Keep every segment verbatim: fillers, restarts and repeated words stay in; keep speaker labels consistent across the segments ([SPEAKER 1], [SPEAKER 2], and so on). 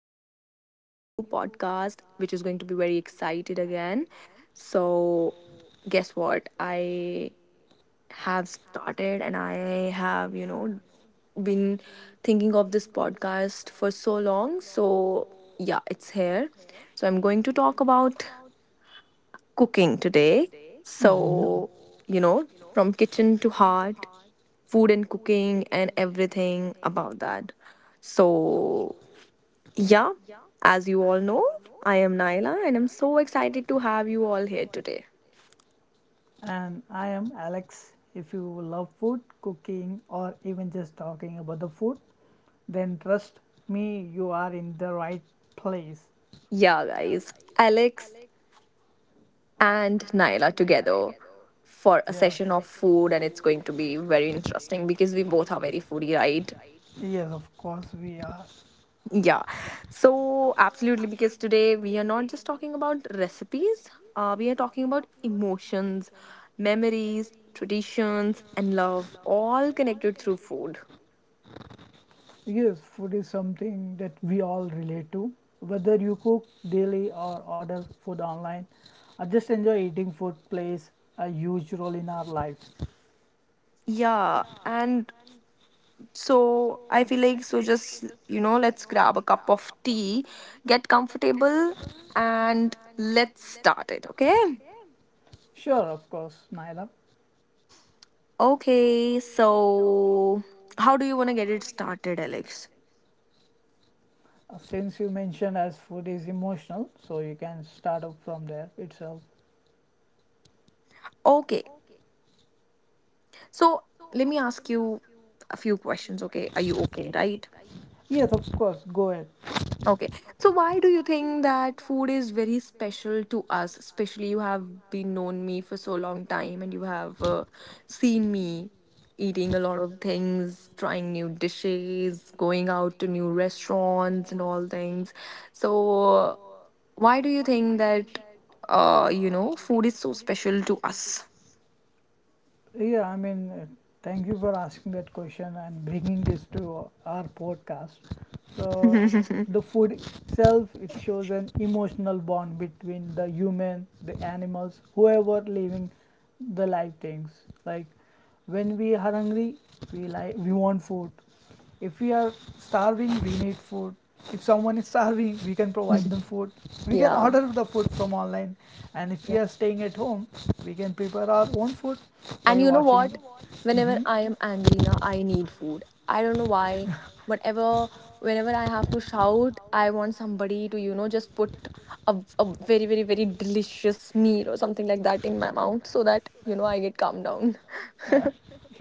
[SPEAKER 1] with a new podcast, which is going to be very excited again. So, guess what? I have started and I have, you know, been thinking of this podcast for so long. So, yeah, it's here. So, I'm going to talk about cooking today.
[SPEAKER 2] Mm-hmm.
[SPEAKER 1] So, you know, from kitchen to heart, food and cooking and everything about that. So, yeah, as you all know, I am Naila and I'm so excited to have you all here today.
[SPEAKER 2] And I am Alex. If you love food, cooking, or even just talking about the food, then trust me, you are in the right place.
[SPEAKER 1] Yeah, guys, Alex and Naila together for a
[SPEAKER 2] What
[SPEAKER 1] session of
[SPEAKER 2] Yes.
[SPEAKER 1] food, and it's going to be very interesting because we both are very foodie, right?
[SPEAKER 2] Yes, of course, we are.
[SPEAKER 1] Yeah, so absolutely, because today we are not just talking about recipes, uh, we are talking about emotions, memories, traditions, and love, all connected through food.
[SPEAKER 2] Yes, food is something that we all relate to. Whether you cook daily or order food online, I just enjoy eating food plays a huge role in our lives.
[SPEAKER 1] Yeah, and so I feel like, so just, you know, let's grab a cup of tea, get comfortable, and let's start it, okay?
[SPEAKER 2] Sure, of course, Naila.
[SPEAKER 1] Okay, so how do you want to get it started, Alex?
[SPEAKER 2] Since you mentioned as food is emotional, so you can start up from there itself.
[SPEAKER 1] Okay, so let me ask you a few questions, okay? Are you okay, right?
[SPEAKER 2] Yes, of course, go ahead.
[SPEAKER 1] Okay. So why do you think that food is very special to us? Especially you have been known me for so long time and you have uh, seen me eating a lot of things, trying new dishes, going out to new restaurants and all things. So uh, why do you think that uh you know food is so special to us?
[SPEAKER 2] Yeah, I mean, uh, Thank you for asking that question and bringing this to our podcast. So, if the food itself it shows an emotional bond between the human, the animals, whoever living the life things. Like when we are hungry, we like we want food. If we are starving, we need food. If someone is starving, we can provide them food. We can
[SPEAKER 1] Yeah.
[SPEAKER 2] order the food from online. And if we are staying at home, we can prepare our own food
[SPEAKER 1] And
[SPEAKER 2] by
[SPEAKER 1] you know
[SPEAKER 2] watching.
[SPEAKER 1] what?
[SPEAKER 2] watching.
[SPEAKER 1] Whenever
[SPEAKER 2] Mhm.
[SPEAKER 1] I am angry now, I need food. I don't know why. Whatever, whenever I have to shout, I want somebody to, you know, just put a, a very, very, very delicious meal or something like that in my mouth so that, you know, I get calmed down.
[SPEAKER 2] food. Uh,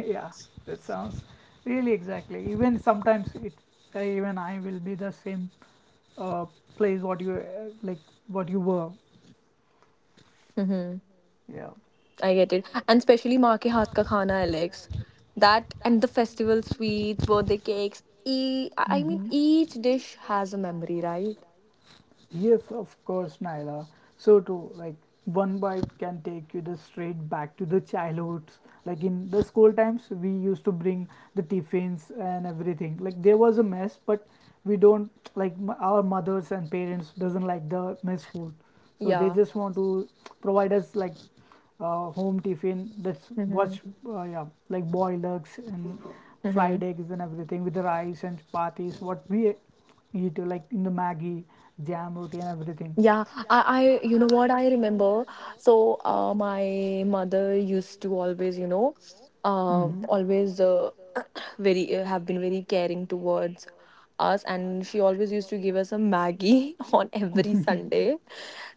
[SPEAKER 2] yeah, that sounds really exactly. Even sometimes it, uh, even I will be the same uh, place what you uh, like what you were.
[SPEAKER 1] Mm-hmm.
[SPEAKER 2] Yeah.
[SPEAKER 1] I get it. And especially maa ke haath ka khana, Alex. That and
[SPEAKER 2] That
[SPEAKER 1] the festival sweets, birthday cakes. E- I mean,
[SPEAKER 2] Mhm.
[SPEAKER 1] each
[SPEAKER 2] need
[SPEAKER 1] dish
[SPEAKER 2] food.
[SPEAKER 1] has a memory, right?
[SPEAKER 2] Yes, of course, Naila. So too, like one bite can take you the straight back to the childhoods. Like in the school times, we used to bring the tiffins and everything. Like there was a mess, but we don't like m- our mothers and parents doesn't like the mess food, so they
[SPEAKER 1] Yeah.
[SPEAKER 2] just want to provide us like uh, home tiffin that's what's
[SPEAKER 1] Mm-hmm.
[SPEAKER 2] uh, yeah, like boiled eggs and
[SPEAKER 1] Mm-hmm.
[SPEAKER 2] fried eggs and everything with the rice and chapatis what we eat, uh, like in the maggi jam roti and everything.
[SPEAKER 1] Yeah, I, I, you know what I remember. So, uh, my mother used to always, you know, uh,
[SPEAKER 2] Mm-hmm.
[SPEAKER 1] always uh, very uh, have been very caring towards us, and she always used to give us a Maggie on every Sunday.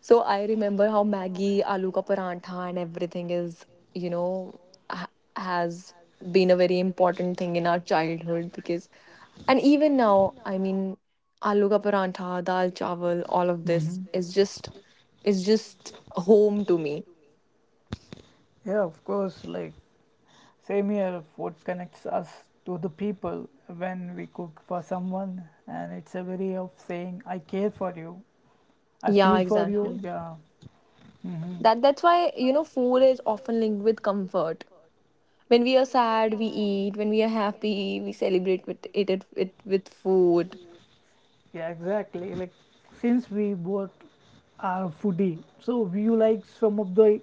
[SPEAKER 1] So I remember how Maggie, aloo ka parantha, and everything is, you know, ha has been a very important thing in our childhood. Because and even now, I mean, aloo ka parantha, dal chawal, all of this
[SPEAKER 2] Mm-hmm.
[SPEAKER 1] is just is just home to me.
[SPEAKER 2] Yeah, of course. Like, same here, food connects us to the people when we cook for someone, and it's a way of saying, I care for you, I
[SPEAKER 1] Yeah,
[SPEAKER 2] feel for yeah, you.
[SPEAKER 1] exactly.
[SPEAKER 2] Yeah. Mhm.
[SPEAKER 1] That that's why you know food is often linked with comfort. When we are sad, we eat. When we are happy, we celebrate with it it, it with food.
[SPEAKER 2] Yeah, exactly. Like since we both are foodie, so we you like some of the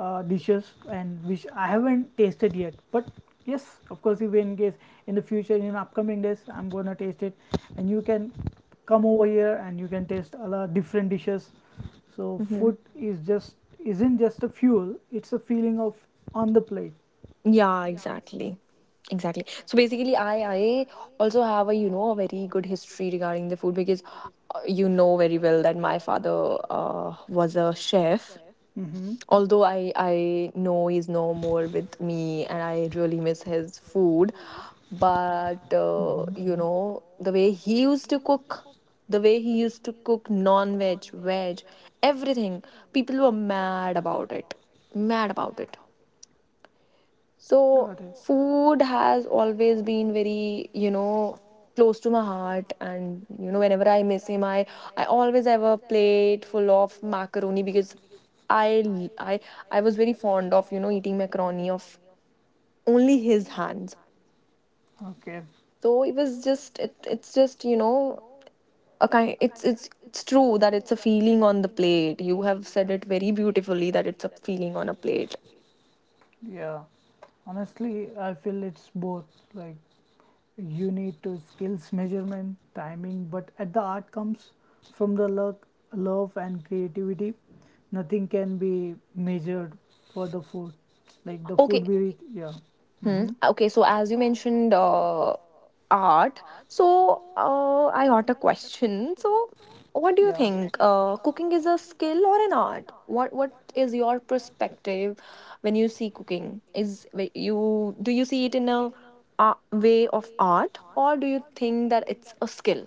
[SPEAKER 2] uh, dishes and which I haven't tasted yet. But yes, of course, if in case in the future in upcoming days I'm gonna taste it, and you can come over here and you can taste a lot different dishes. So
[SPEAKER 1] Hmm.
[SPEAKER 2] food is just isn't just a fuel; it's a feeling of on the plate.
[SPEAKER 1] Yeah, exactly. Exactly. So basically, I I also have a, you know, a very good history regarding the food. Because uh, you know very well that my father uh, was a chef,
[SPEAKER 2] Hmm.
[SPEAKER 1] although I I know he's no more with me, and I really miss his food. But uh,
[SPEAKER 2] Hmm.
[SPEAKER 1] you know, the way he used to cook, the way he used to cook non veg veg, everything, people were mad about it, mad about it so
[SPEAKER 2] Got it.
[SPEAKER 1] food has always been very, you know, close to my heart. And you know, whenever I miss him, i i always have a plate full of macaroni because I I I was very fond of, you know, eating macaroni of only his hands.
[SPEAKER 2] Okay.
[SPEAKER 1] So it was just it, it's just you know, a kind it's it's it's true that it's a feeling on the plate. You have said it very beautifully that it's a feeling on a plate.
[SPEAKER 2] Yeah, honestly, I feel it's both. Like, you need to skills measurement, timing, but at the art comes from the luck, love, and creativity. Nothing can be measured for the food. Like, the
[SPEAKER 1] Okay.
[SPEAKER 2] food we, yeah,
[SPEAKER 1] Hmm.
[SPEAKER 2] mm-hmm,
[SPEAKER 1] Uh, Okay, so as you mentioned, uh, art. So uh, I got a question. So, what do you
[SPEAKER 2] yeah.
[SPEAKER 1] think? Uh, cooking is a skill or an art? What What is your perspective when you see cooking? Is wh- you do you see it in a uh, way of art, or do you think that it's a skill?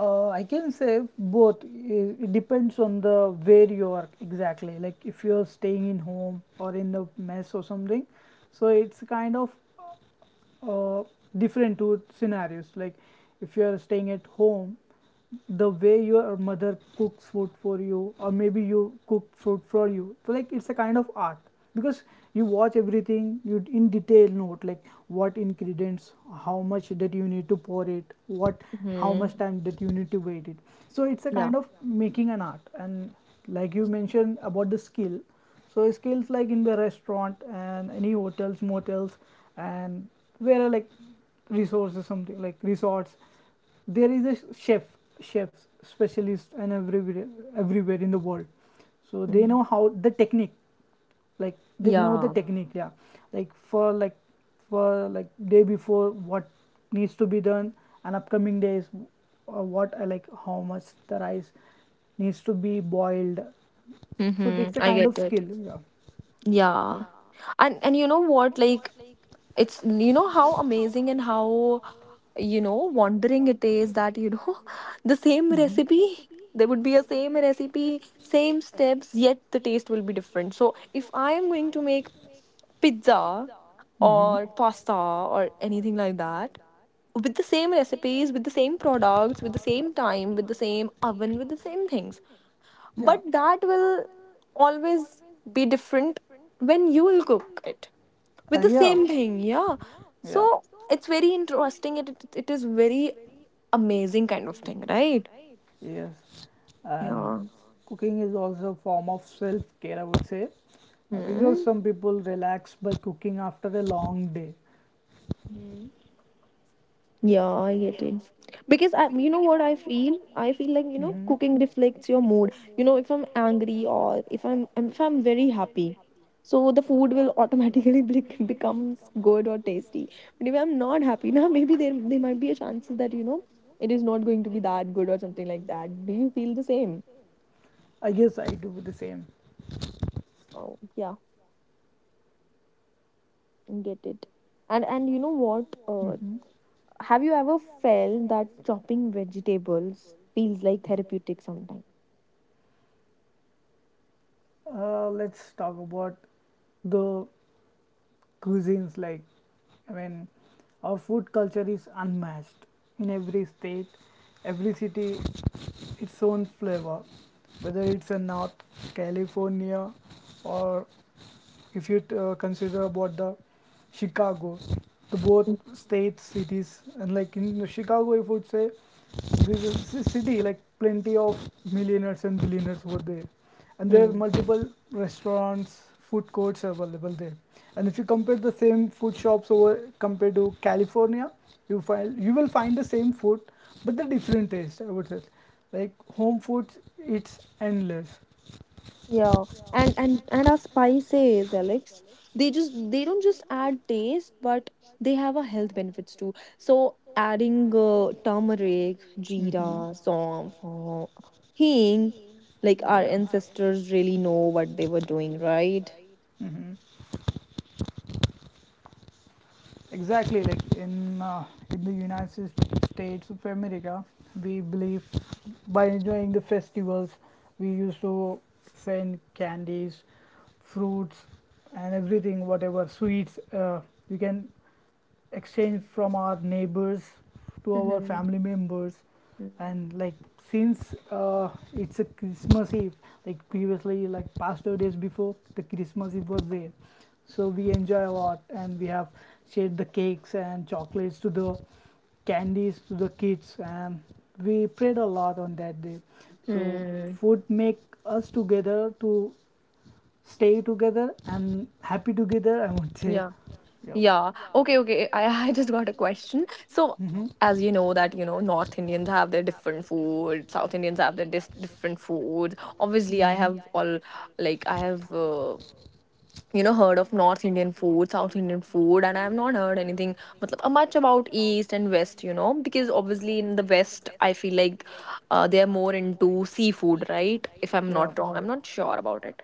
[SPEAKER 2] Uh, I can say both. I- It depends on the where you are exactly. Like if you're staying in home or in the mess or something, so it's kind of uh, different to scenarios. Like if you are staying at home, the way your mother cooks food for you or maybe you cook food for you, so like it's a kind of art because you watch everything you d- in detail note like what ingredients, how much that you need to pour it, what, how
[SPEAKER 1] Hmm.
[SPEAKER 2] much time that you need to wait it. So it's a
[SPEAKER 1] Yeah.
[SPEAKER 2] kind of making an art. And like you mentioned about the skill, so skills like in the restaurant and any hotels, motels, and where are like resources, something like resorts. There is a sh- chef, chefs, specialist, and everywhere, everywhere in the world. So they
[SPEAKER 1] Mhm.
[SPEAKER 2] know how the technique, like they know the
[SPEAKER 1] Yeah.
[SPEAKER 2] technique, yeah. Like for like for like day before what needs to be done and upcoming days, uh, what I like how much the rice needs to be boiled. So
[SPEAKER 1] Mm-hmm.
[SPEAKER 2] it's a
[SPEAKER 1] I
[SPEAKER 2] kind of
[SPEAKER 1] get it.
[SPEAKER 2] skill, yeah.
[SPEAKER 1] Yeah. And and you know what? Like it's, you know, how amazing and how, you know, wondering it is that you know the same
[SPEAKER 2] Mm-hmm.
[SPEAKER 1] recipe there would be a same recipe, same steps, yet the taste will be different. So if I am going to make pizza
[SPEAKER 2] Hmm.
[SPEAKER 1] or pasta or anything like that with the same recipes, with the same products, with the same time, with the same oven, with the same things,
[SPEAKER 2] Yeah,
[SPEAKER 1] but that will always be different when you will cook it
[SPEAKER 2] uh,
[SPEAKER 1] with the
[SPEAKER 2] yeah,
[SPEAKER 1] same thing, yeah.
[SPEAKER 2] yeah,
[SPEAKER 1] So it's very interesting. It, it it is very amazing kind of thing, right?
[SPEAKER 2] yes. And
[SPEAKER 1] Yeah.
[SPEAKER 2] cooking is also a form of self care, I would say, uh, because
[SPEAKER 1] Hmm.
[SPEAKER 2] some people relax by cooking after a long day.
[SPEAKER 1] Mhm. Yeah, I get it. Because I, you know what I feel? I feel like, you know,
[SPEAKER 2] Hmm.
[SPEAKER 1] cooking reflects your mood. You know, if I'm angry or if I'm if I'm very happy, so the food will automatically bec- becomes good or tasty. But if I'm not happy, now maybe there there might be a chances that you know it is not going to be that good or something like that. Do you feel the same?
[SPEAKER 2] I guess I do the same.
[SPEAKER 1] Oh yeah, I get it. And and you know what? Uh,
[SPEAKER 2] Hmm.
[SPEAKER 1] Have you ever felt that chopping vegetables feels like therapeutic sometimes?
[SPEAKER 2] Uh, let's talk about the cuisines. Like, I mean, our food culture is unmatched in every state, every city, its own flavor, whether it's in north California, or if you uh, consider about the Chicago, the both states, cities, and like in Chicago, if you would say this is a city, like plenty of millionaires and billionaires were there, and there are
[SPEAKER 1] Hmm.
[SPEAKER 2] multiple restaurants, food courts available there. And if you compare the same food shops over compared to California, you find you will find the same food, but the different taste. I would say, like home food, it's endless.
[SPEAKER 1] Yeah, and and and our spices, Alex, they just they don't just add taste, but they have a health benefits too. So adding uh, turmeric,
[SPEAKER 2] Mm-hmm.
[SPEAKER 1] jeera, saffron, hing, like our
[SPEAKER 2] Yeah.
[SPEAKER 1] ancestors really know
[SPEAKER 2] do
[SPEAKER 1] what they were doing, right?
[SPEAKER 2] Mm-hmm. Exactly. Like in uh, in the United States of America, we believe by enjoying the festivals, we used to send candies, fruits, and everything, whatever sweets uh, you can exchange from our neighbors to our
[SPEAKER 1] Mm-hmm.
[SPEAKER 2] family members. And like, since uh, it's a Christmas Eve, like previously like past two days before the Christmas Eve was there, so we enjoy a lot, and we have shared the cakes and chocolates to the candies to the kids, and we prayed a lot on that day. So
[SPEAKER 1] Mm-hmm.
[SPEAKER 2] food make us together, to stay together and happy together, I would say. Yep.
[SPEAKER 1] Yeah. Okay, okay. I, I just got a question. So,
[SPEAKER 2] Hmm.
[SPEAKER 1] as you know that, you know, North Indians have their different food, South Indians have their dis- different food. Obviously, I have all like I have uh, you know, heard of North Indian food, South Indian food, and I have not heard anything matlab, uh, much about East and West, you know, because obviously in the West I feel like uh, they are more into seafood, right? If I'm
[SPEAKER 2] Yeah.
[SPEAKER 1] not wrong. I'm not sure about it,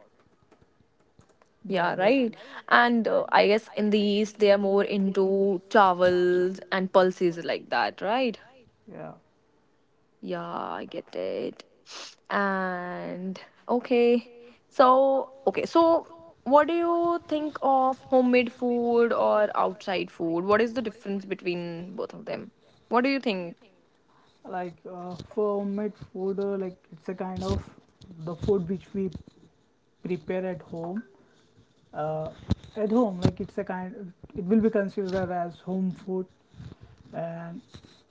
[SPEAKER 1] yeah,
[SPEAKER 2] Got it.
[SPEAKER 1] right. And uh, I guess in the East, they are more into towels and pulses like that, right?
[SPEAKER 2] Yeah.
[SPEAKER 1] Yeah, I get it. And okay, so okay, so what do you think of homemade food or outside food? What is the difference between both of them? What do you think?
[SPEAKER 2] Like uh, for homemade food, uh, like it's a kind of the food which we prepare at home. Uh, at home, like it's a kind. It will be considered as home food, and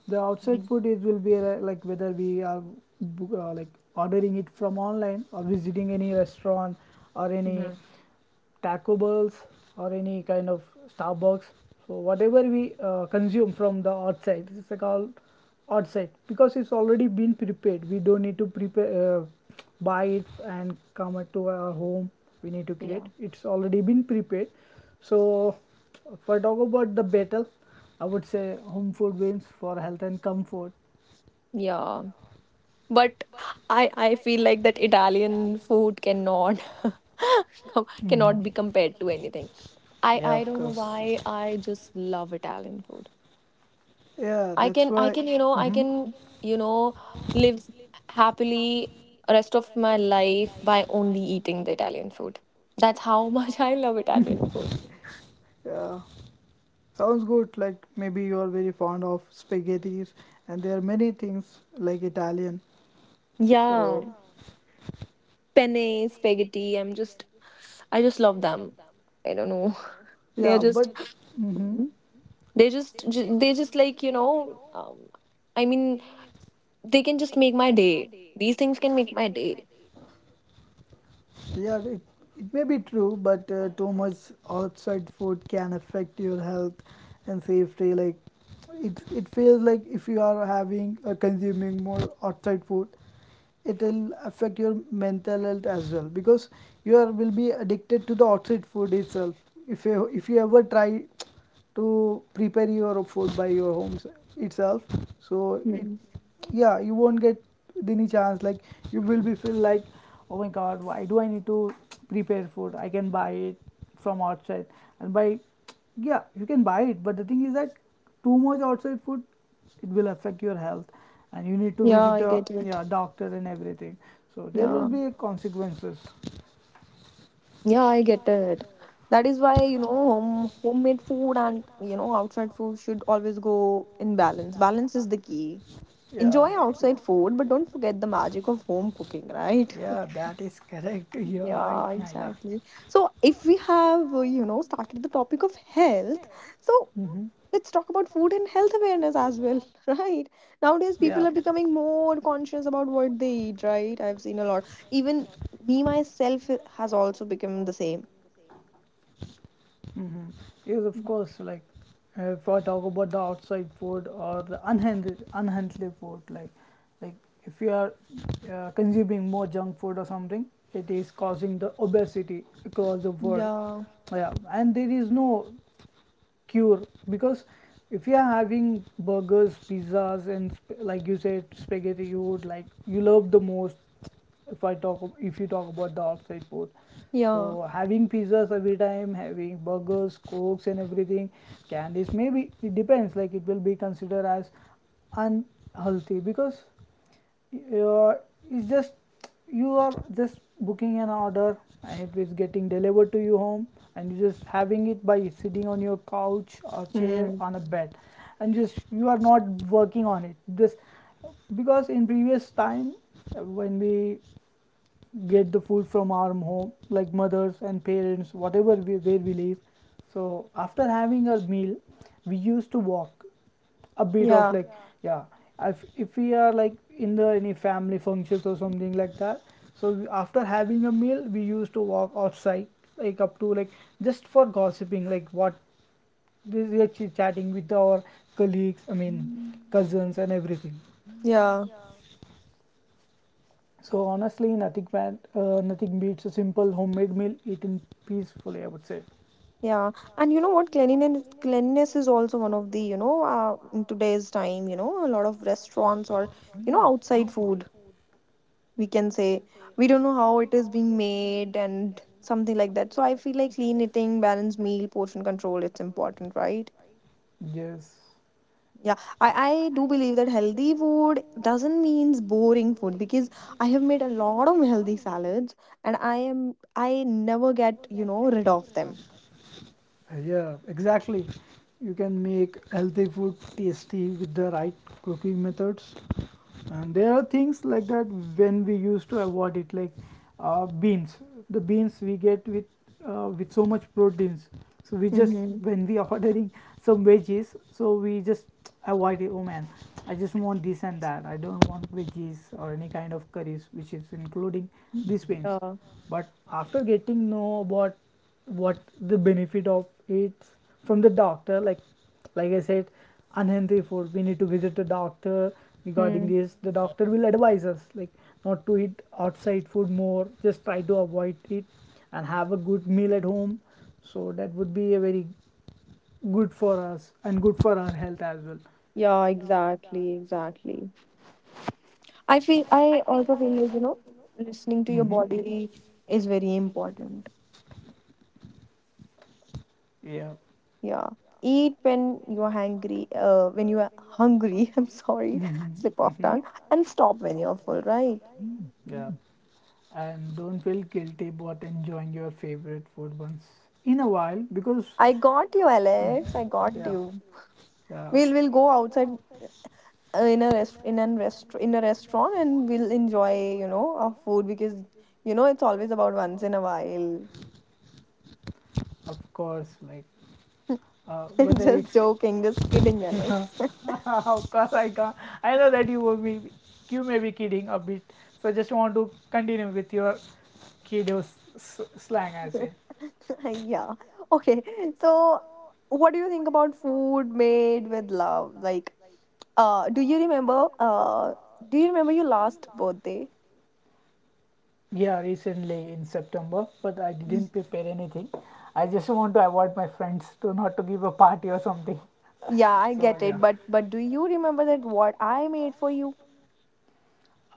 [SPEAKER 2] the outside food is will be uh, like whether we are bo- uh, like ordering it from online or visiting any restaurant or any
[SPEAKER 1] Mm-hmm.
[SPEAKER 2] Taco Bells or any kind of Starbucks. So whatever we uh, consume from the outside, this is called outside because it's already been prepared. We don't need to prepare, uh, buy it and come it to our home. We need to create.
[SPEAKER 1] Yeah.
[SPEAKER 2] It's already been prepared. So if I talk about the battle, I would say home food wins for health and comfort.
[SPEAKER 1] Yeah, but I I feel like that Italian food cannot com-
[SPEAKER 2] Mhm.
[SPEAKER 1] cannot be compared to anything. I
[SPEAKER 2] Yeah,
[SPEAKER 1] I
[SPEAKER 2] of
[SPEAKER 1] don't know
[SPEAKER 2] course.
[SPEAKER 1] why I just love Italian food.
[SPEAKER 2] Yeah,
[SPEAKER 1] I
[SPEAKER 2] that's
[SPEAKER 1] can I
[SPEAKER 2] why.
[SPEAKER 1] can you know, I
[SPEAKER 2] Hmm.
[SPEAKER 1] can, you know, live happily rest of my life by only eating the Italian food. That's how much I love Italian food.
[SPEAKER 2] food. Yeah, sounds good. Like maybe you are very fond of spaghetti, and there are many things like Italian.
[SPEAKER 1] Yeah,
[SPEAKER 2] So
[SPEAKER 1] penne, spaghetti. I'm just I just love them. I don't know.
[SPEAKER 2] yeah,
[SPEAKER 1] They're
[SPEAKER 2] yeah, but
[SPEAKER 1] just
[SPEAKER 2] is hmm.
[SPEAKER 1] mm-hmm. they just ju- they just like you know. Um, I mean, they can just make my day. These things can make my day.
[SPEAKER 2] Yeah, it, it may be true, but uh, too much outside food can affect your health and safety. Like, it, it feels like if you are having or consuming more outside food, it will affect your mental health as well because you are will be addicted to the outside food itself. If you if you ever try to prepare your food by your home itself, so it,
[SPEAKER 1] Mm.
[SPEAKER 2] yeah, you won't get any chance. Like, you will be feel like, oh my god, why do I need to prepare food, I can buy it from outside. And by, yeah, you can buy it, but the thing is that too much outside food, it will affect your health, and you need to
[SPEAKER 1] Yeah,
[SPEAKER 2] visit
[SPEAKER 1] I
[SPEAKER 2] a,
[SPEAKER 1] get it.
[SPEAKER 2] yeah, doctor and everything. So there will
[SPEAKER 1] Yeah.
[SPEAKER 2] be consequences.
[SPEAKER 1] Yeah, I get it. That is why, you know, home, homemade food and, you know, outside food should always go in balance. Balance is the key.
[SPEAKER 2] Yeah.
[SPEAKER 1] Enjoy outside food, but don't forget the magic of home cooking, right?
[SPEAKER 2] Yeah, that is correct. You're right,
[SPEAKER 1] Yeah,
[SPEAKER 2] Naila.
[SPEAKER 1] exactly. So, if we have, uh, you know, started the topic of health, so
[SPEAKER 2] Hmm.
[SPEAKER 1] let's talk about food and health awareness as well, right? Nowadays,
[SPEAKER 2] Yeah.
[SPEAKER 1] people are becoming more conscious about what they eat, right? I've seen a lot. Even me myself has also become the same.
[SPEAKER 2] Hmm. Because, of course, like uh, if I talk about the outside food or the unhealthy, unhealthy food, like like if you are uh, consuming more junk food or something, it is causing the obesity across the world.
[SPEAKER 1] Yeah,
[SPEAKER 2] Yeah, and there is no cure because if you are having burgers, pizzas and sp- like you said spaghetti, you would like you love the most. If i talk ab- if you talk about the outside food, so
[SPEAKER 1] yeah,
[SPEAKER 2] having pizzas every time, having burgers, cokes and everything, candies, maybe it depends. Like, it will be considered as unhealthy because uh, it's just, you are just booking an order and it is getting delivered to you home, and you just having it by sitting on your couch or chair on a
[SPEAKER 1] mm.
[SPEAKER 2] bed, and just you are not working on it. Just because in previous time, uh, when we get the food from our home, like mothers and parents, whatever we, where we live, so after having our meal we used to walk a bit of,
[SPEAKER 1] Yeah,
[SPEAKER 2] like, yeah, yeah, if, if we are like in the any family functions or something like that, so we, after having a meal we used to walk outside, like up to like just for gossiping, like what we are chit chatting with our colleagues, i mean cousins and everything.
[SPEAKER 1] yeah,
[SPEAKER 2] So honestly, nothing bad, uh, nothing beats a simple homemade meal eaten peacefully, I would say.
[SPEAKER 1] yeah. And you know what? Cleanliness, cleanliness is also one of the, you know, uh, in today's time, you know, a lot of restaurants or, you know, outside food, we can say. We don't know how it is being made and something like that. So I feel like clean eating, balanced meal, portion control, it's important, right?
[SPEAKER 2] Yes.
[SPEAKER 1] Yeah, I, I do believe that healthy food doesn't means boring food because I have made a lot of healthy salads and I am I never get, you know, rid of them.
[SPEAKER 2] Yeah, exactly, you can make healthy food tasty with the right cooking methods, and there are things like that when we used to avoid it. Like uh, beans, the beans we get with uh, with so much proteins, so we just,
[SPEAKER 1] Mm-hmm.
[SPEAKER 2] when we are ordering some veggies, so we just avoid it, oh man, I just want this and that, I don't want veggies or any kind of curries which is including these beans.
[SPEAKER 1] Yeah.
[SPEAKER 2] But after getting know what what the benefit of it from the doctor, like like I said, unhealthy food we Need to visit the doctor. Regarding
[SPEAKER 1] Hmm.
[SPEAKER 2] this, the doctor will advise us, like, not to eat outside food more, just try to avoid it, and have a good meal at home. So that would be a very good for us and good for our health as well.
[SPEAKER 1] Yeah, exactly, exactly. I feel I also feel like, you know, listening to your
[SPEAKER 2] Hmm.
[SPEAKER 1] body is very important.
[SPEAKER 2] Yeah.
[SPEAKER 1] Yeah. Eat when you are hungry, uh, when you are hungry, I'm sorry,
[SPEAKER 2] Mm-hmm.
[SPEAKER 1] slip of
[SPEAKER 2] Mm-hmm.
[SPEAKER 1] tongue, and stop when you're full, right?
[SPEAKER 2] Yeah, and don't feel guilty about enjoying your favorite food once in a while because...
[SPEAKER 1] I got you,
[SPEAKER 2] Mm,
[SPEAKER 1] Alex. I got
[SPEAKER 2] yeah,
[SPEAKER 1] you.
[SPEAKER 2] yeah,
[SPEAKER 1] We'll we'll go outside uh, in a rest in an rest in a restaurant and we'll enjoy you know our food because you know it's always about once in a while.
[SPEAKER 2] of course. Like uh, whether
[SPEAKER 1] Just
[SPEAKER 2] it's...
[SPEAKER 1] joking, just kidding, Alex.
[SPEAKER 2] Of course I can't, I know that you will be, you may be kidding a bit, so just want to continue with your kiddo s- s- slang, I say.
[SPEAKER 1] Yeah. Okay. So, what do you think about food made with love? Like, uh, do you remember? Uh, do you remember your last birthday?
[SPEAKER 2] Yeah, recently in September, but I
[SPEAKER 1] Mm.
[SPEAKER 2] didn't prepare anything. I just want to avoid my friends to not to give a party or something.
[SPEAKER 1] Yeah, I
[SPEAKER 2] So
[SPEAKER 1] get
[SPEAKER 2] yeah.
[SPEAKER 1] it, but but do you remember that what I made for you?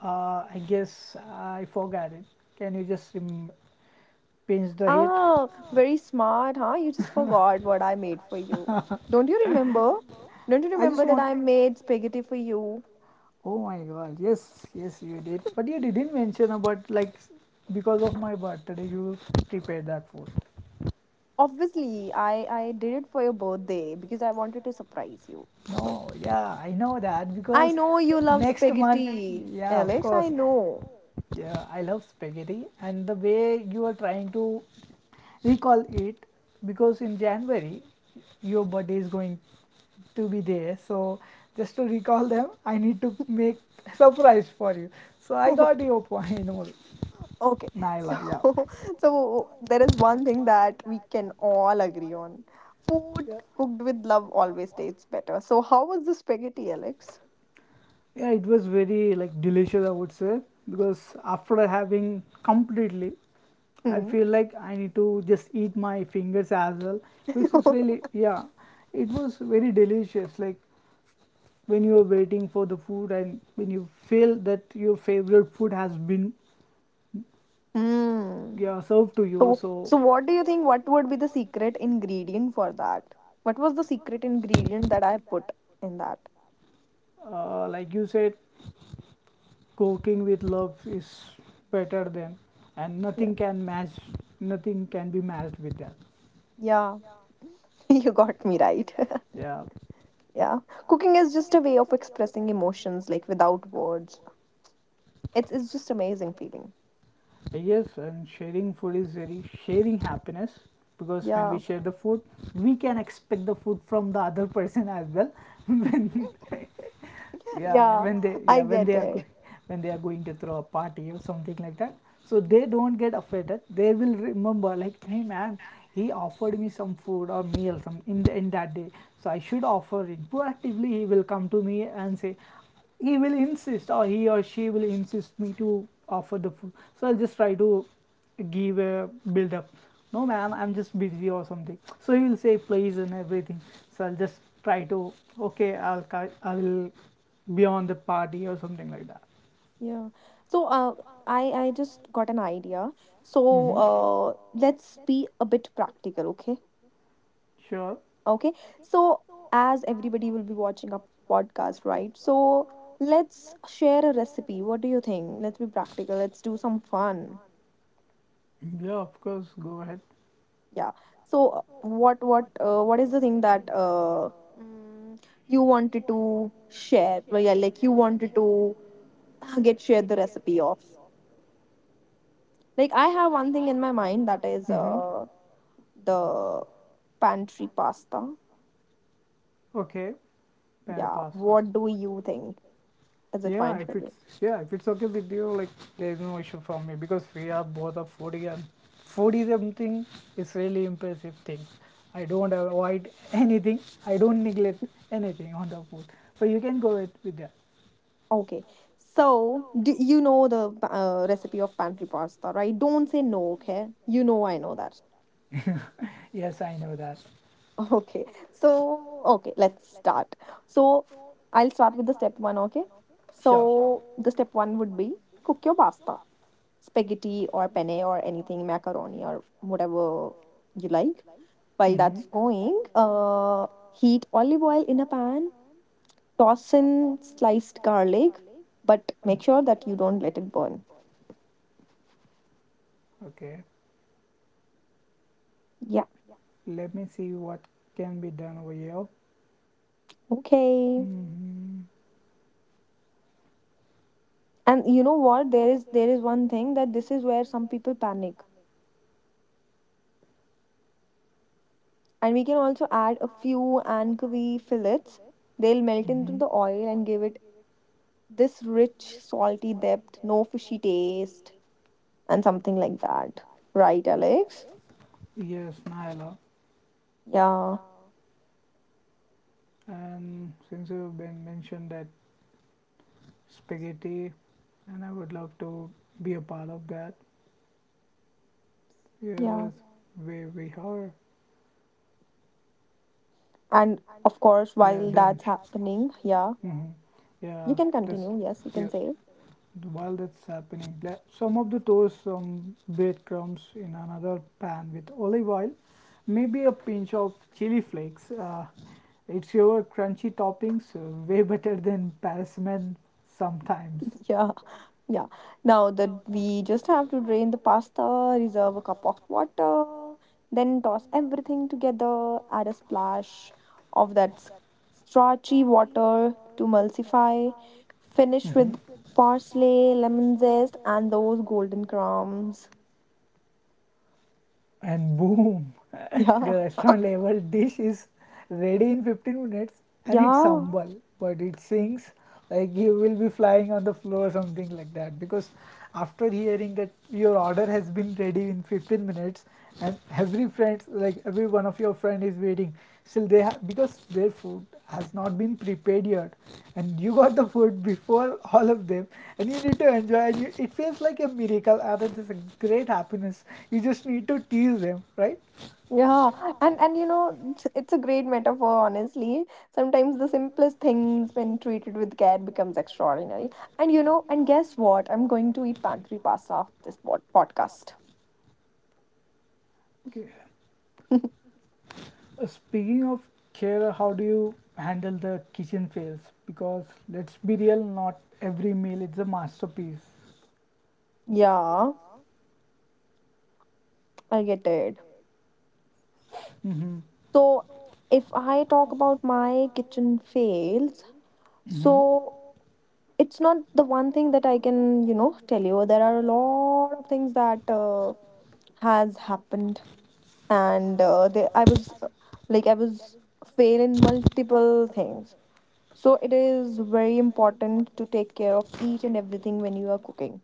[SPEAKER 2] Uh, I guess I forgot it. Can you just rem- pinch the hit?
[SPEAKER 1] Ah, very smart, huh? You just forgot what I made for you. Don't you remember? Don't you
[SPEAKER 2] I just
[SPEAKER 1] remember that
[SPEAKER 2] want.
[SPEAKER 1] I made spaghetti for you?
[SPEAKER 2] Oh my god! Yes, yes, you did. But you didn't mention about, like, because of my birthday you prepared that food.
[SPEAKER 1] Obviously, I I did it for your birthday because I wanted to surprise you. So,
[SPEAKER 2] No, yeah, I know that
[SPEAKER 1] I
[SPEAKER 2] because
[SPEAKER 1] know you love
[SPEAKER 2] next month.
[SPEAKER 1] spaghetti,
[SPEAKER 2] Yeah, of
[SPEAKER 1] Alex. I
[SPEAKER 2] course.
[SPEAKER 1] know.
[SPEAKER 2] Yeah, I love spaghetti, and the way you are trying to recall it, because in January your birthday is going to be there. So just to recall them, I need to make surprise for you. So I got your point, Nor-
[SPEAKER 1] Okay. So,
[SPEAKER 2] Naila. Yeah.
[SPEAKER 1] so there is one thing that we can all agree on. Food
[SPEAKER 2] Yeah.
[SPEAKER 1] cooked with love always tastes better. So, how was the spaghetti, Alex?
[SPEAKER 2] Yeah, it was very like delicious, I would say, because after having completely, I
[SPEAKER 1] Hmm.
[SPEAKER 2] feel like I need to just eat my fingers as well, which is really, yeah, it was very delicious. Like, when you are waiting for the food and when you feel that your favorite food has been,
[SPEAKER 1] Hmm.
[SPEAKER 2] yeah, served to you,
[SPEAKER 1] So,
[SPEAKER 2] so...
[SPEAKER 1] so what do you think? What would be the secret ingredient for that? What was the secret ingredient that I put in that?
[SPEAKER 2] uh, Like you said, cooking with love is better than, and
[SPEAKER 1] Yeah,
[SPEAKER 2] nothing can match, nothing can be matched with that.
[SPEAKER 1] yeah, you got me right.
[SPEAKER 2] Yeah.
[SPEAKER 1] yeah, cooking is just a way of expressing emotions like without words. It's it's just amazing feeling.
[SPEAKER 2] Yes, and sharing food is very sharing happiness, because when we
[SPEAKER 1] Yeah,
[SPEAKER 2] share the food, we can expect the food from the other person as well. When, yeah,
[SPEAKER 1] yeah,
[SPEAKER 2] when they,
[SPEAKER 1] I
[SPEAKER 2] yeah, when they
[SPEAKER 1] get
[SPEAKER 2] are
[SPEAKER 1] it.
[SPEAKER 2] going, when they are going to throw a party or something like that, so they don't get offended. They will remember, like, hey man, he offered me some food or meal some in the, in that day, so I should offer it proactively. He will come to me and say, he will insist, or he or she will insist me to offer the food. So I'll just try to give a build up, no man I'm just busy or something. So he will say please and everything, so I'll just try to, okay I'll ca- I will beyond the party or something like that.
[SPEAKER 1] Yeah. So, uh, I I just got an idea. So,
[SPEAKER 2] Mm-hmm. So,
[SPEAKER 1] uh, let's be a bit practical, okay?
[SPEAKER 2] sure.
[SPEAKER 1] Okay, so as everybody will be watching a podcast, right? So let's share a recipe. What do you think? Let's be practical. Let's do some fun.
[SPEAKER 2] Yeah, of course. Go ahead.
[SPEAKER 1] Yeah. So uh, what what uh, what is the thing that uh mm, you wanted to share? Well, yeah, like you wanted to uh, get shared the recipe of. Like I have one thing in my mind that is
[SPEAKER 2] Mm-hmm.
[SPEAKER 1] uh the pantry pasta.
[SPEAKER 2] uh, Okay. Panel
[SPEAKER 1] Yeah.
[SPEAKER 2] pasta.
[SPEAKER 1] What do you think? Is it
[SPEAKER 2] Yeah,
[SPEAKER 1] fine for
[SPEAKER 2] if it's,
[SPEAKER 1] you?
[SPEAKER 2] yeah, if it's okay with you, like, there's no issue for me because we are both a foodie, and foodie something is really impressive thing. I don't avoid anything. I don't neglect anything on the food. So you can go with, with that.
[SPEAKER 1] Okay. So, do you know the uh, recipe of pantry pasta, right? Don't say no, okay? You know I know that.
[SPEAKER 2] Yes, I know that.
[SPEAKER 1] Okay. So, okay, let's start. So, I'll start with the step one, okay?
[SPEAKER 2] Sure.
[SPEAKER 1] So, the step one would be cook your pasta, spaghetti or penne or anything, macaroni or whatever you like. While
[SPEAKER 2] Mm-hmm.
[SPEAKER 1] that's going, uh, heat olive oil in a pan, toss in sliced garlic, but
[SPEAKER 2] Hmm.
[SPEAKER 1] make sure that you don't let it burn.
[SPEAKER 2] Okay,
[SPEAKER 1] Yeah.
[SPEAKER 2] let me see what can be done over here.
[SPEAKER 1] Okay.
[SPEAKER 2] Hmm.
[SPEAKER 1] And you know what? There is there is one thing that this is where some people panic. And we can also add a few anchovy fillets. They'll melt into the oil and give it this rich, salty depth, no fishy taste, and something like that. Right, Alex?
[SPEAKER 2] Yes, Naila.
[SPEAKER 1] Yeah,
[SPEAKER 2] And since you've been mentioned that spaghetti, and I would love to be a part of that.
[SPEAKER 1] yeah.
[SPEAKER 2] Yes, we we are.
[SPEAKER 1] And of course,
[SPEAKER 2] Yeah,
[SPEAKER 1] while
[SPEAKER 2] then.
[SPEAKER 1] that's happening, yeah,
[SPEAKER 2] Hmm. Yeah,
[SPEAKER 1] you can
[SPEAKER 2] that's,
[SPEAKER 1] continue. Yes, you
[SPEAKER 2] yeah.
[SPEAKER 1] can say it.
[SPEAKER 2] While that's happening, le- some of the toast, some breadcrumbs in another pan with olive oil, maybe a pinch of chili flakes. Uh, it's your crunchy toppings, uh, way better than Parisman sometimes.
[SPEAKER 1] Yeah. Yeah. Now that we just have to drain the pasta, reserve a cup of water, then toss everything together, add a splash of that s- starchy water to emulsify, finish
[SPEAKER 2] Hmm.
[SPEAKER 1] with parsley, lemon zest, and those golden crumbs.
[SPEAKER 2] And boom.
[SPEAKER 1] Yeah.
[SPEAKER 2] The restaurant level dish is ready in fifteen minutes, and it's
[SPEAKER 1] Yeah.
[SPEAKER 2] humble but it sings. Like, you will be flying on the floor or something like that, because after hearing that your order has been ready in fifteen minutes, and every friend, like every one of your friend is waiting, still they have, because their food has not been prepared yet, and you got the food before all of them, and you need to enjoy, and you, it feels like a miracle and it is a great happiness. You just need to tease them, right?
[SPEAKER 1] Yeah, and and you know, it's it's a great metaphor, honestly. Sometimes the simplest things, when treated with care, becomes extraordinary. And you know, and guess what? I'm going to eat pantry pasta after this pod- podcast.
[SPEAKER 2] Okay. Uh, speaking of care, how do you handle the kitchen fails? Because let's be real, not every meal is a masterpiece.
[SPEAKER 1] Yeah, I get it.
[SPEAKER 2] Mm-hmm.
[SPEAKER 1] So, if I talk about my kitchen fails,
[SPEAKER 2] Mm-hmm.
[SPEAKER 1] so it's not the one thing that I can, you know, tell you. There are a lot of things that uh, has happened and uh, they, I was uh, like I was fail in multiple things. So it is very important to take care of each and everything when you are cooking.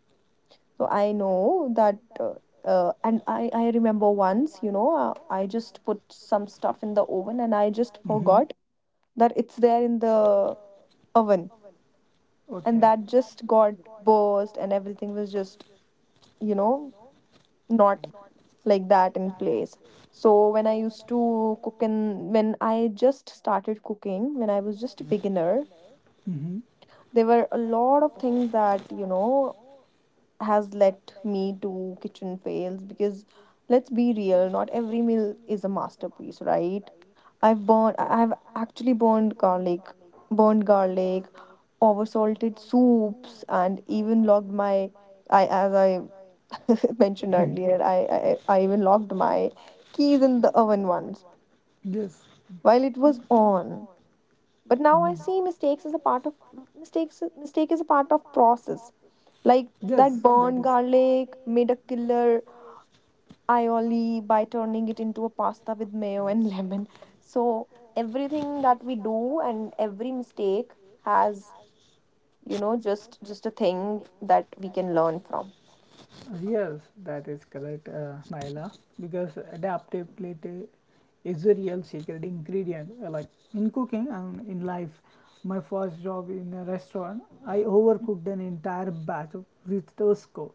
[SPEAKER 1] So I know that, uh, uh, and I I remember once, you know, uh, I just put some stuff in the oven and I just
[SPEAKER 2] Mm-hmm.
[SPEAKER 1] forgot that it's there in the oven, and
[SPEAKER 2] Okay.
[SPEAKER 1] that just got burst and everything was just you know not like that in place. So when I used to cook and when I just started cooking, when I was just a Mhm. beginner,
[SPEAKER 2] Mm-hmm.
[SPEAKER 1] there were a lot of things that, you know, has led me to kitchen fails because let's be real, not every meal is a masterpiece, right? I've burned I- I've actually burned garlic, burned garlic, oversalted soups and even logged my I as I mentioned earlier, I, I, I even locked my keys in the oven once
[SPEAKER 2] Yes.
[SPEAKER 1] while it was on. But now I
[SPEAKER 2] Mhm.
[SPEAKER 1] see mistakes as a part of mistakes. Mistake is a part of process, like
[SPEAKER 2] Yes,
[SPEAKER 1] that
[SPEAKER 2] that
[SPEAKER 1] burned
[SPEAKER 2] is...
[SPEAKER 1] garlic made a killer aioli by turning it into a pasta with mayo and lemon. So everything that we do and every mistake has you know just just a thing that we can learn from.
[SPEAKER 2] yes, that is correct, uh, Naila, because adaptability is a real secret ingredient. Uh, Like, in cooking and in life, my first job in a restaurant, I overcooked an entire batch of risotto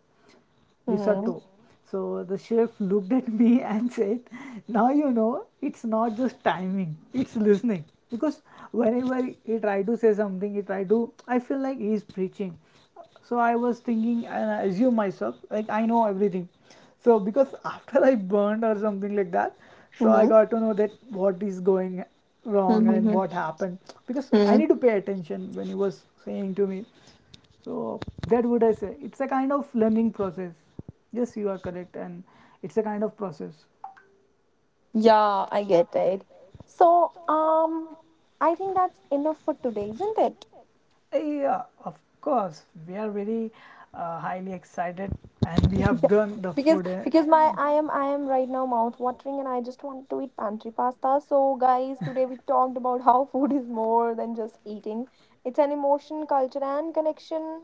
[SPEAKER 1] Mhm.
[SPEAKER 2] risotto. So the chef looked at me and said, now you know it's not just timing, it's listening. Because whenever he tried to say something, he tried to, I feel like he's preaching. So I was thinking and I assume myself, like I know everything. So because after I burned or something like that, so I
[SPEAKER 1] Mhm.
[SPEAKER 2] got to know that what is going wrong and
[SPEAKER 1] Mhm.
[SPEAKER 2] what happened. Because I
[SPEAKER 1] Mhm.
[SPEAKER 2] need to pay attention when he was saying to me, so that would I say it's a kind of learning process. Yes, you are correct, and it's a kind of process.
[SPEAKER 1] Yeah, I get it. So, um, I think that's enough for today, isn't it?
[SPEAKER 2] Eh, yeah, of course, we are very uh, highly excited, and we have
[SPEAKER 1] Yeah.
[SPEAKER 2] done the
[SPEAKER 1] Because
[SPEAKER 2] food, eh?
[SPEAKER 1] because my I am I am right now mouth watering and I just want to eat pantry pasta. So, guys, today we talked about how food is more than just eating. It's an emotion, culture, and connection.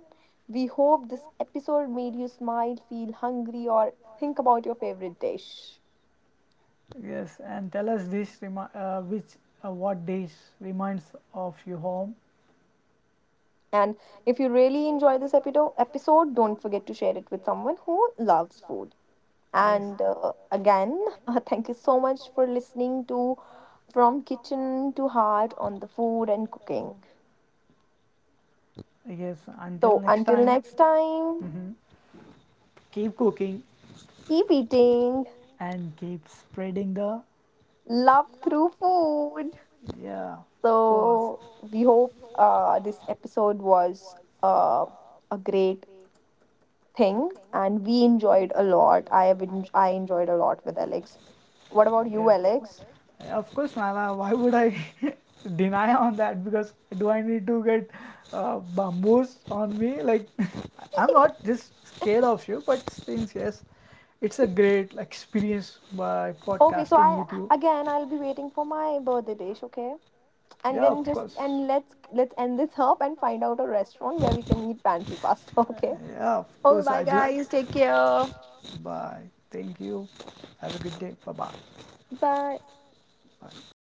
[SPEAKER 1] We hope this episode made you smile, feel hungry, or think about your favorite dish.
[SPEAKER 2] Yes, and tell us this remi- uh, which uh, what dish reminds of your home.
[SPEAKER 1] And if you really enjoy this epido- episode, don't forget to share it with someone who loves food.
[SPEAKER 2] Yes.
[SPEAKER 1] And uh, again, uh, thank you so much for listening to From Kitchen to Heart on the food and cooking.
[SPEAKER 2] Yes, until
[SPEAKER 1] So
[SPEAKER 2] next
[SPEAKER 1] until
[SPEAKER 2] time.
[SPEAKER 1] next time,
[SPEAKER 2] Mhm. Keep cooking,
[SPEAKER 1] keep eating
[SPEAKER 2] and keep spreading the...
[SPEAKER 1] love through food.
[SPEAKER 2] yeah, cause...
[SPEAKER 1] So we hope uh, this episode was uh, a great thing and we enjoyed a lot. I have en- I enjoyed a lot with Alex. What about you,
[SPEAKER 2] yeah.
[SPEAKER 1] Alex?
[SPEAKER 2] Of course, Nala. Why would I deny on that? Because do I need to get uh, bamboos on me? Like, I'm not just scared of you, but since yes, it's a great experience by
[SPEAKER 1] Okay, so
[SPEAKER 2] podcasting with
[SPEAKER 1] I
[SPEAKER 2] you.
[SPEAKER 1] again I'll be waiting for my birthday dish, okay? And
[SPEAKER 2] Yeah, of
[SPEAKER 1] then just
[SPEAKER 2] course.
[SPEAKER 1] and let's let's end this up and find out a restaurant where we can eat pantry pasta,
[SPEAKER 2] Uh,
[SPEAKER 1] okay?
[SPEAKER 2] yeah, of
[SPEAKER 1] Okay,
[SPEAKER 2] course,
[SPEAKER 1] bye
[SPEAKER 2] I do.
[SPEAKER 1] guys. Take care.
[SPEAKER 2] Bye. Thank you. Have a good day. Bye
[SPEAKER 1] Bye.
[SPEAKER 2] bye.